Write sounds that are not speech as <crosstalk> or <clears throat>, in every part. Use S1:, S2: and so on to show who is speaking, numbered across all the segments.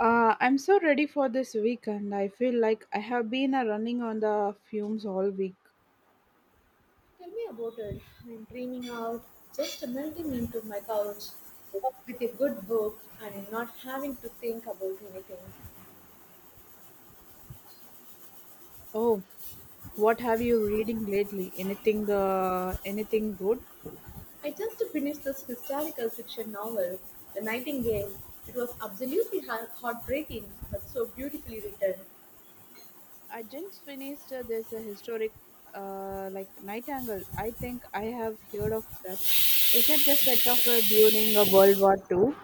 S1: I'm so ready for this weekend. I feel like I have been running on the fumes all week.
S2: Tell me about it. I'm dreaming out, just melting into my couch with a good book and not having to think about anything.
S1: Oh, what have you reading lately? Anything good?
S2: I just finished this historical fiction novel, The Nightingale. It was absolutely heartbreaking, but so beautifully written.
S1: I just finished this historic like Nightingale. I think I have heard of that. Is it the set of it during a World War Two?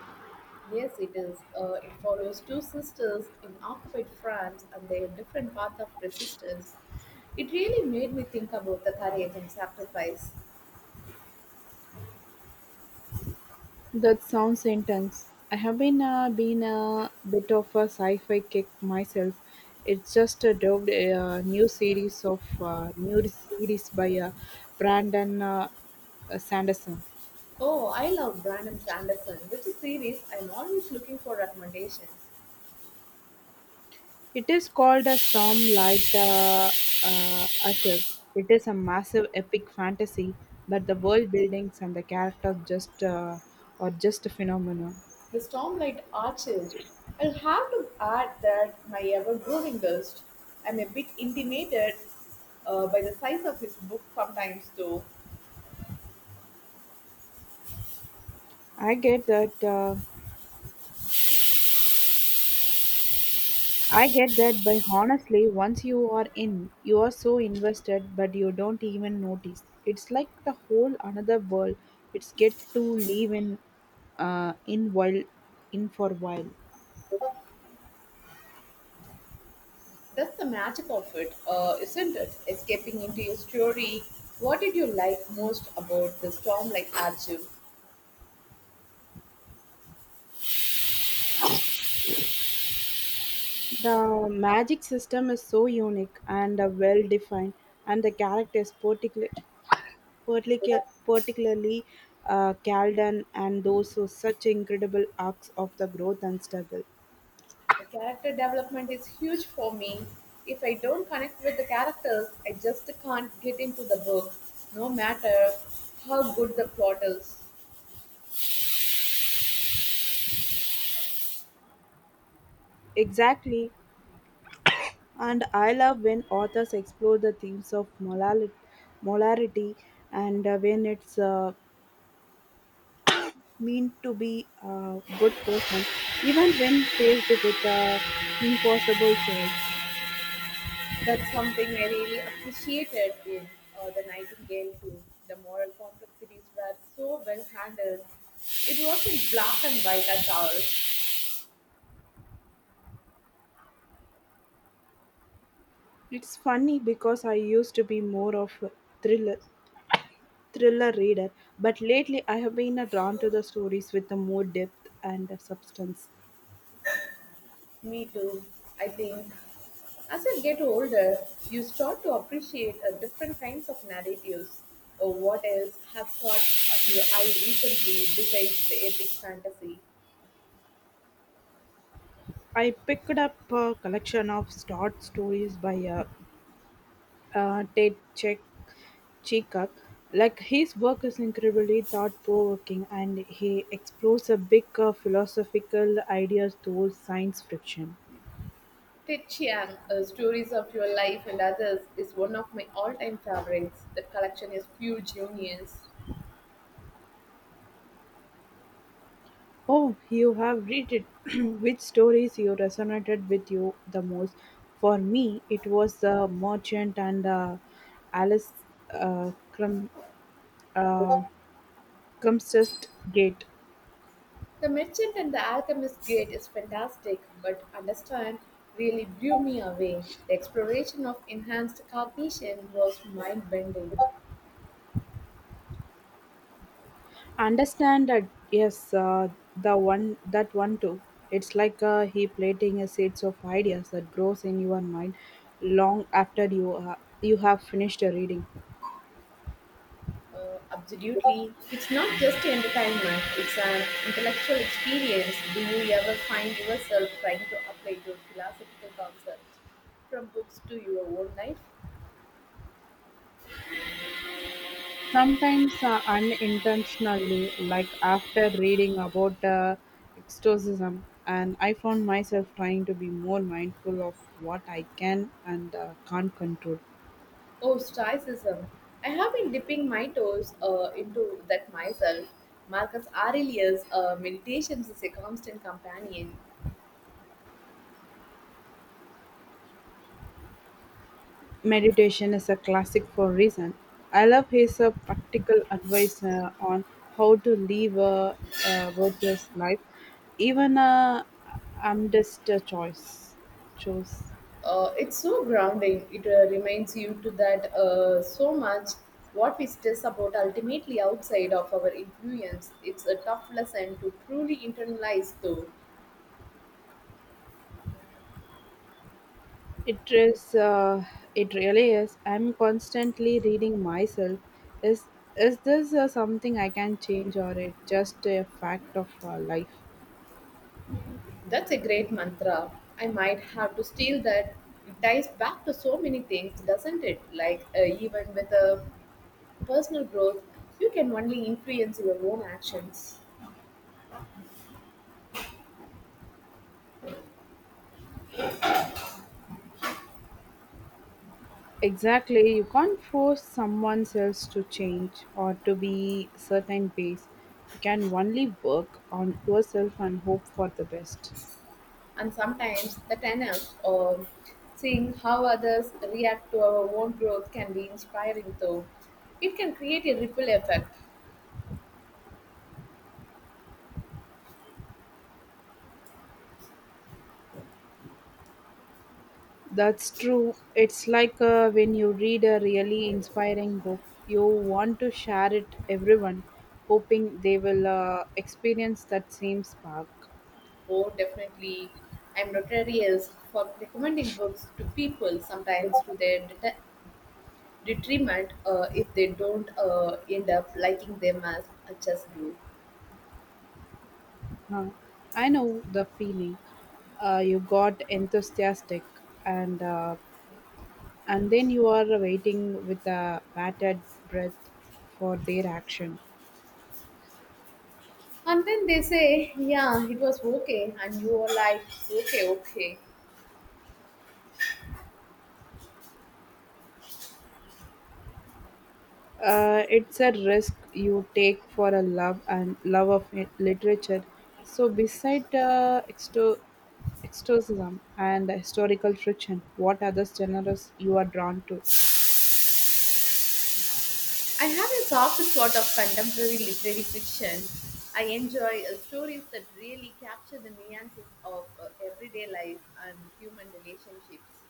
S2: Yes, it is. It follows two sisters in occupied France and their different path of resistance. It really made me think about the courage and sacrifice.
S1: That sounds intense. I have been been a bit of a sci-fi kick myself. It's just dubbed a new series by Brandon Sanderson.
S2: Oh, I love Brandon Sanderson, which is series I'm always looking for recommendations.
S1: It is called a Stormlight Archive. It is a massive epic fantasy, but the world buildings and the characters just are just a phenomenon.
S2: The Stormlight Archive. I'll have to add that my ever-growing list. I'm a bit intimidated by the size of his book sometimes, though.
S1: I get that. Uh, I get that, but honestly, once you are in, you are so invested, but you don't even notice. It's like the whole another world. It's get to live in, uh, in while, in for while.
S2: That's the magic of it, isn't it? Escaping into your story. What did you like most about the Stormlight Archive?
S1: The magic system is so unique and well defined, and the characters, particularly Caldan and those who such incredible arcs of the growth and struggle.
S2: The character development is huge for me. If I don't connect with the characters, I just can't get into the book, no matter how good the plot is.
S1: Exactly, and I love when authors explore the themes of molarity and when it's mean to be a good person, even when faced with a impossible choice.
S2: That's something I really appreciated in The Nightingale too. The moral complexities were so well handled. It wasn't black and white at all.
S1: It's funny because I used to be more of a thriller, thriller reader, but lately I have been drawn to the stories with the more depth and substance.
S2: Me too. I think as you get older, you start to appreciate different kinds of narratives. What else have caught your eye recently besides the epic fantasy?
S1: I picked up a collection of short stories by Ted Chikak. Like his work is incredibly thought-provoking, and he explores a big philosophical ideas through science fiction.
S2: Ted Chiang, Stories of Your Life and Others, is one of my all time favorites. That collection is pure genius.
S1: Oh, you have read it. <clears throat> Which stories you resonated with you the most? For me, it was The Merchant and Alice uh, Crum, uh, Crumpsest Gate.
S2: The Merchant and the Alchemist Gate is fantastic, but understand really blew me away. The exploration of enhanced cognition was mind bending.
S1: Understand that yes, the one that one too. It's like a heap planting a seeds of ideas that grows in your mind long after you you have finished a reading.
S2: Absolutely. It's not just entertainment, it's an intellectual experience. Do you ever find yourself trying to apply your philosophical concepts from books to your own life?
S1: Sometimes unintentionally, like after reading about exorcism, and I found myself trying to be more mindful of what I can and can't control.
S2: Oh, Stoicism. I have been dipping my toes into that myself. Marcus Aurelius' Meditations is a constant companion.
S1: Meditation is a classic for a reason. I love his practical advice on how to a virtuous life, even a amidst a choice. Choose
S2: It's so grounding. It reminds you to that so much what we stress about ultimately outside of our influence. It's a tough lesson to truly internalize, though.
S1: it is. It really is. I'm constantly reading myself. Is is this something I can change, or it just a fact of life?
S2: That's a great mantra. I might have to steal that. It ties back to so many things, doesn't it? Like even with a personal growth, you can only influence your own actions.
S1: Exactly. You can't force someone else to change or to be certain ways. You can only work on yourself and hope for the best.
S2: And sometimes the tenants or seeing how others react to our own growth can be inspiring, though it can create a ripple effect.
S1: That's true. It's like when you read a really inspiring book, you want to share it everyone, hoping they will experience that same spark.
S2: Oh, definitely. I'm notorious for recommending books to people, sometimes to their detriment, if they don't end up liking them as much as you.
S1: Huh. I know the feeling. You got enthusiastic and uh, And then you are waiting with a bated breath for their action.
S2: And then they say, yeah, it was okay, and you are like, okay, okay.
S1: It's a risk you take for a love and love of literature. So, beside extocism and historical fiction, what other genres you are drawn to?
S2: I have a soft spot of contemporary literary fiction. I enjoy stories that really capture the nuances of everyday life and human relationships.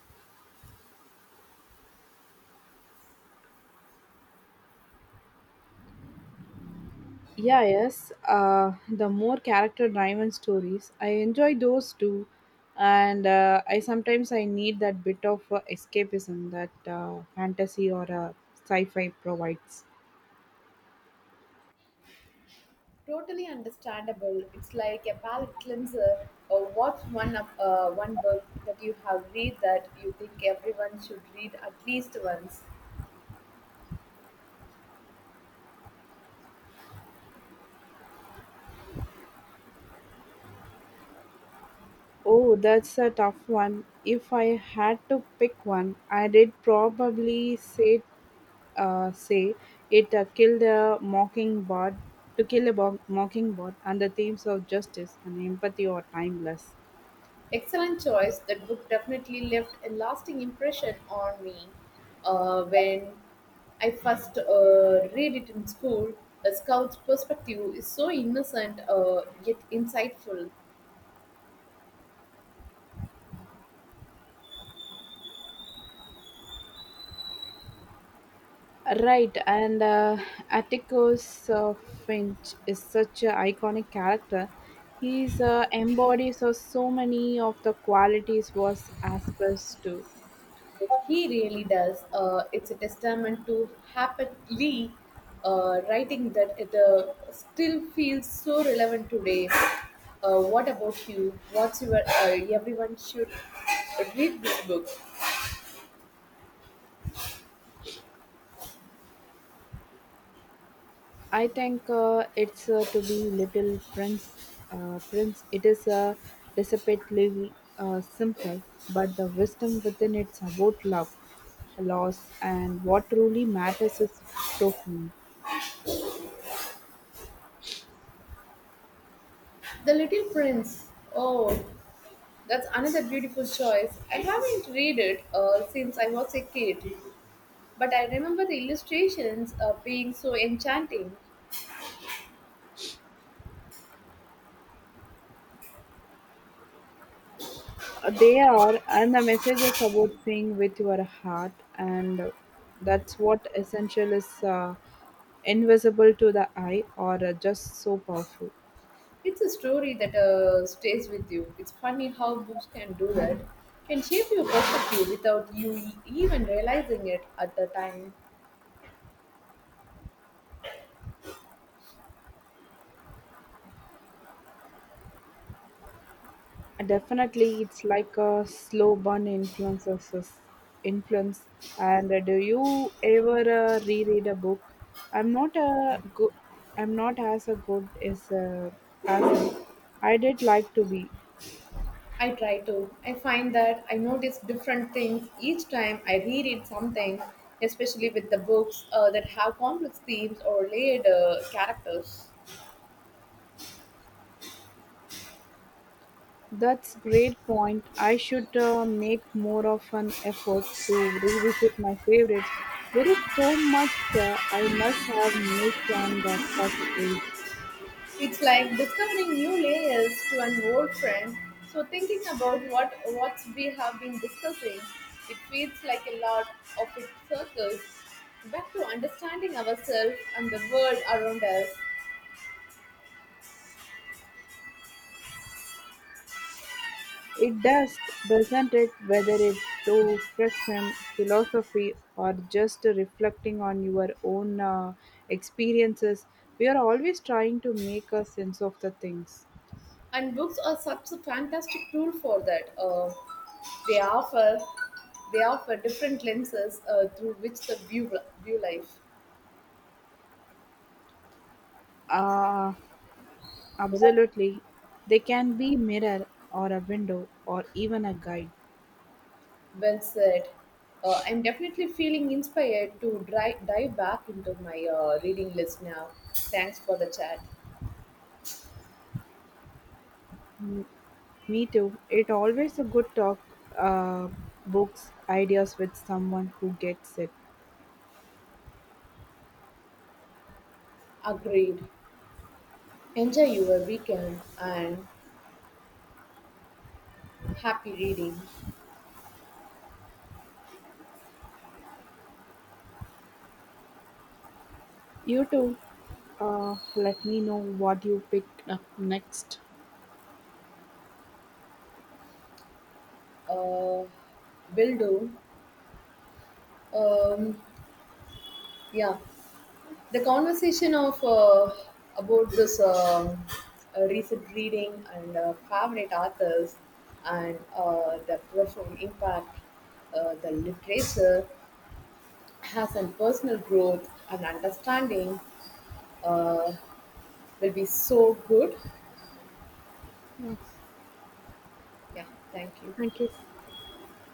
S1: Yeah, yes. The more character-driven stories, I enjoy those too, and I sometimes I need that bit of escapism that fantasy or sci-fi provides.
S2: Totally understandable. It's like a palate cleanser. Or what's one of one book that you have read that you think everyone should read at least once?
S1: Oh, that's a tough one. If I had to pick one, I did probably say say it killed a mockingbird to kill a mockingbird, and the themes of justice and empathy are timeless.
S2: Excellent choice. That book definitely left a lasting impression on me. When I first read it in school, a scout's perspective is so innocent, yet insightful.
S1: Right, and Atticus Finch is such an iconic character. He's embodies of so many of the qualities was aspired to.
S2: He really does. It's a testament to happily writing that it still feels so relevant today. What about you? What's your everyone should read this book?
S1: I think it's to be little prince. It is a dissipately simple, but the wisdom within it's about love, loss, and what truly matters is profound.
S2: The Little Prince. Oh, that's another beautiful choice. I haven't read it since I was a kid, but I remember the illustrations being so enchanting.
S1: They are, and the message is about seeing with your heart, and that's what essential is invisible to the eye or just so powerful.
S2: It's a story that stays with you. It's funny how books can do that, can shape your perspective without you even realizing it at the time.
S1: Definitely, it's like a slow burn influence. And do you ever reread a book? I'm not a go- I'm not as a good as it. I did like to be.
S2: I try to. I find that I notice different things each time I reread something, especially with the books that have complex themes or layered characters.
S1: That's great point. I should make more of an effort to revisit my favorites. There is so much I must have missed on the first read.
S2: It's like discovering new layers to an old friend. So thinking about what we have been discussing, it feels like a lot of it circles back to understanding ourselves and the world around us.
S1: It does, doesn't it? Whether it's through friction, philosophy, or just reflecting on your own experiences, we are always trying to make a sense of the things.
S2: And books are such a fantastic tool for that. They offer different lenses through which the view life.
S1: Uh, absolutely. They can be mirror or a window or even a guide.
S2: Well said. I'm definitely feeling inspired to dive back into my reading list now. Thanks for the chat.
S1: Me too. It always a good talk uh, books ideas with someone who gets it.
S2: Agreed. Enjoy your weekend and happy reading.
S1: You too. Let me know what you pick up next.
S2: Uh, will do. Um, yeah, the conversation of about this recent reading and favorite authors and the profound impact the literature has and personal growth and understanding uh, will be so good.
S1: Yeah.
S2: Yeah, thank you.
S1: Thank you.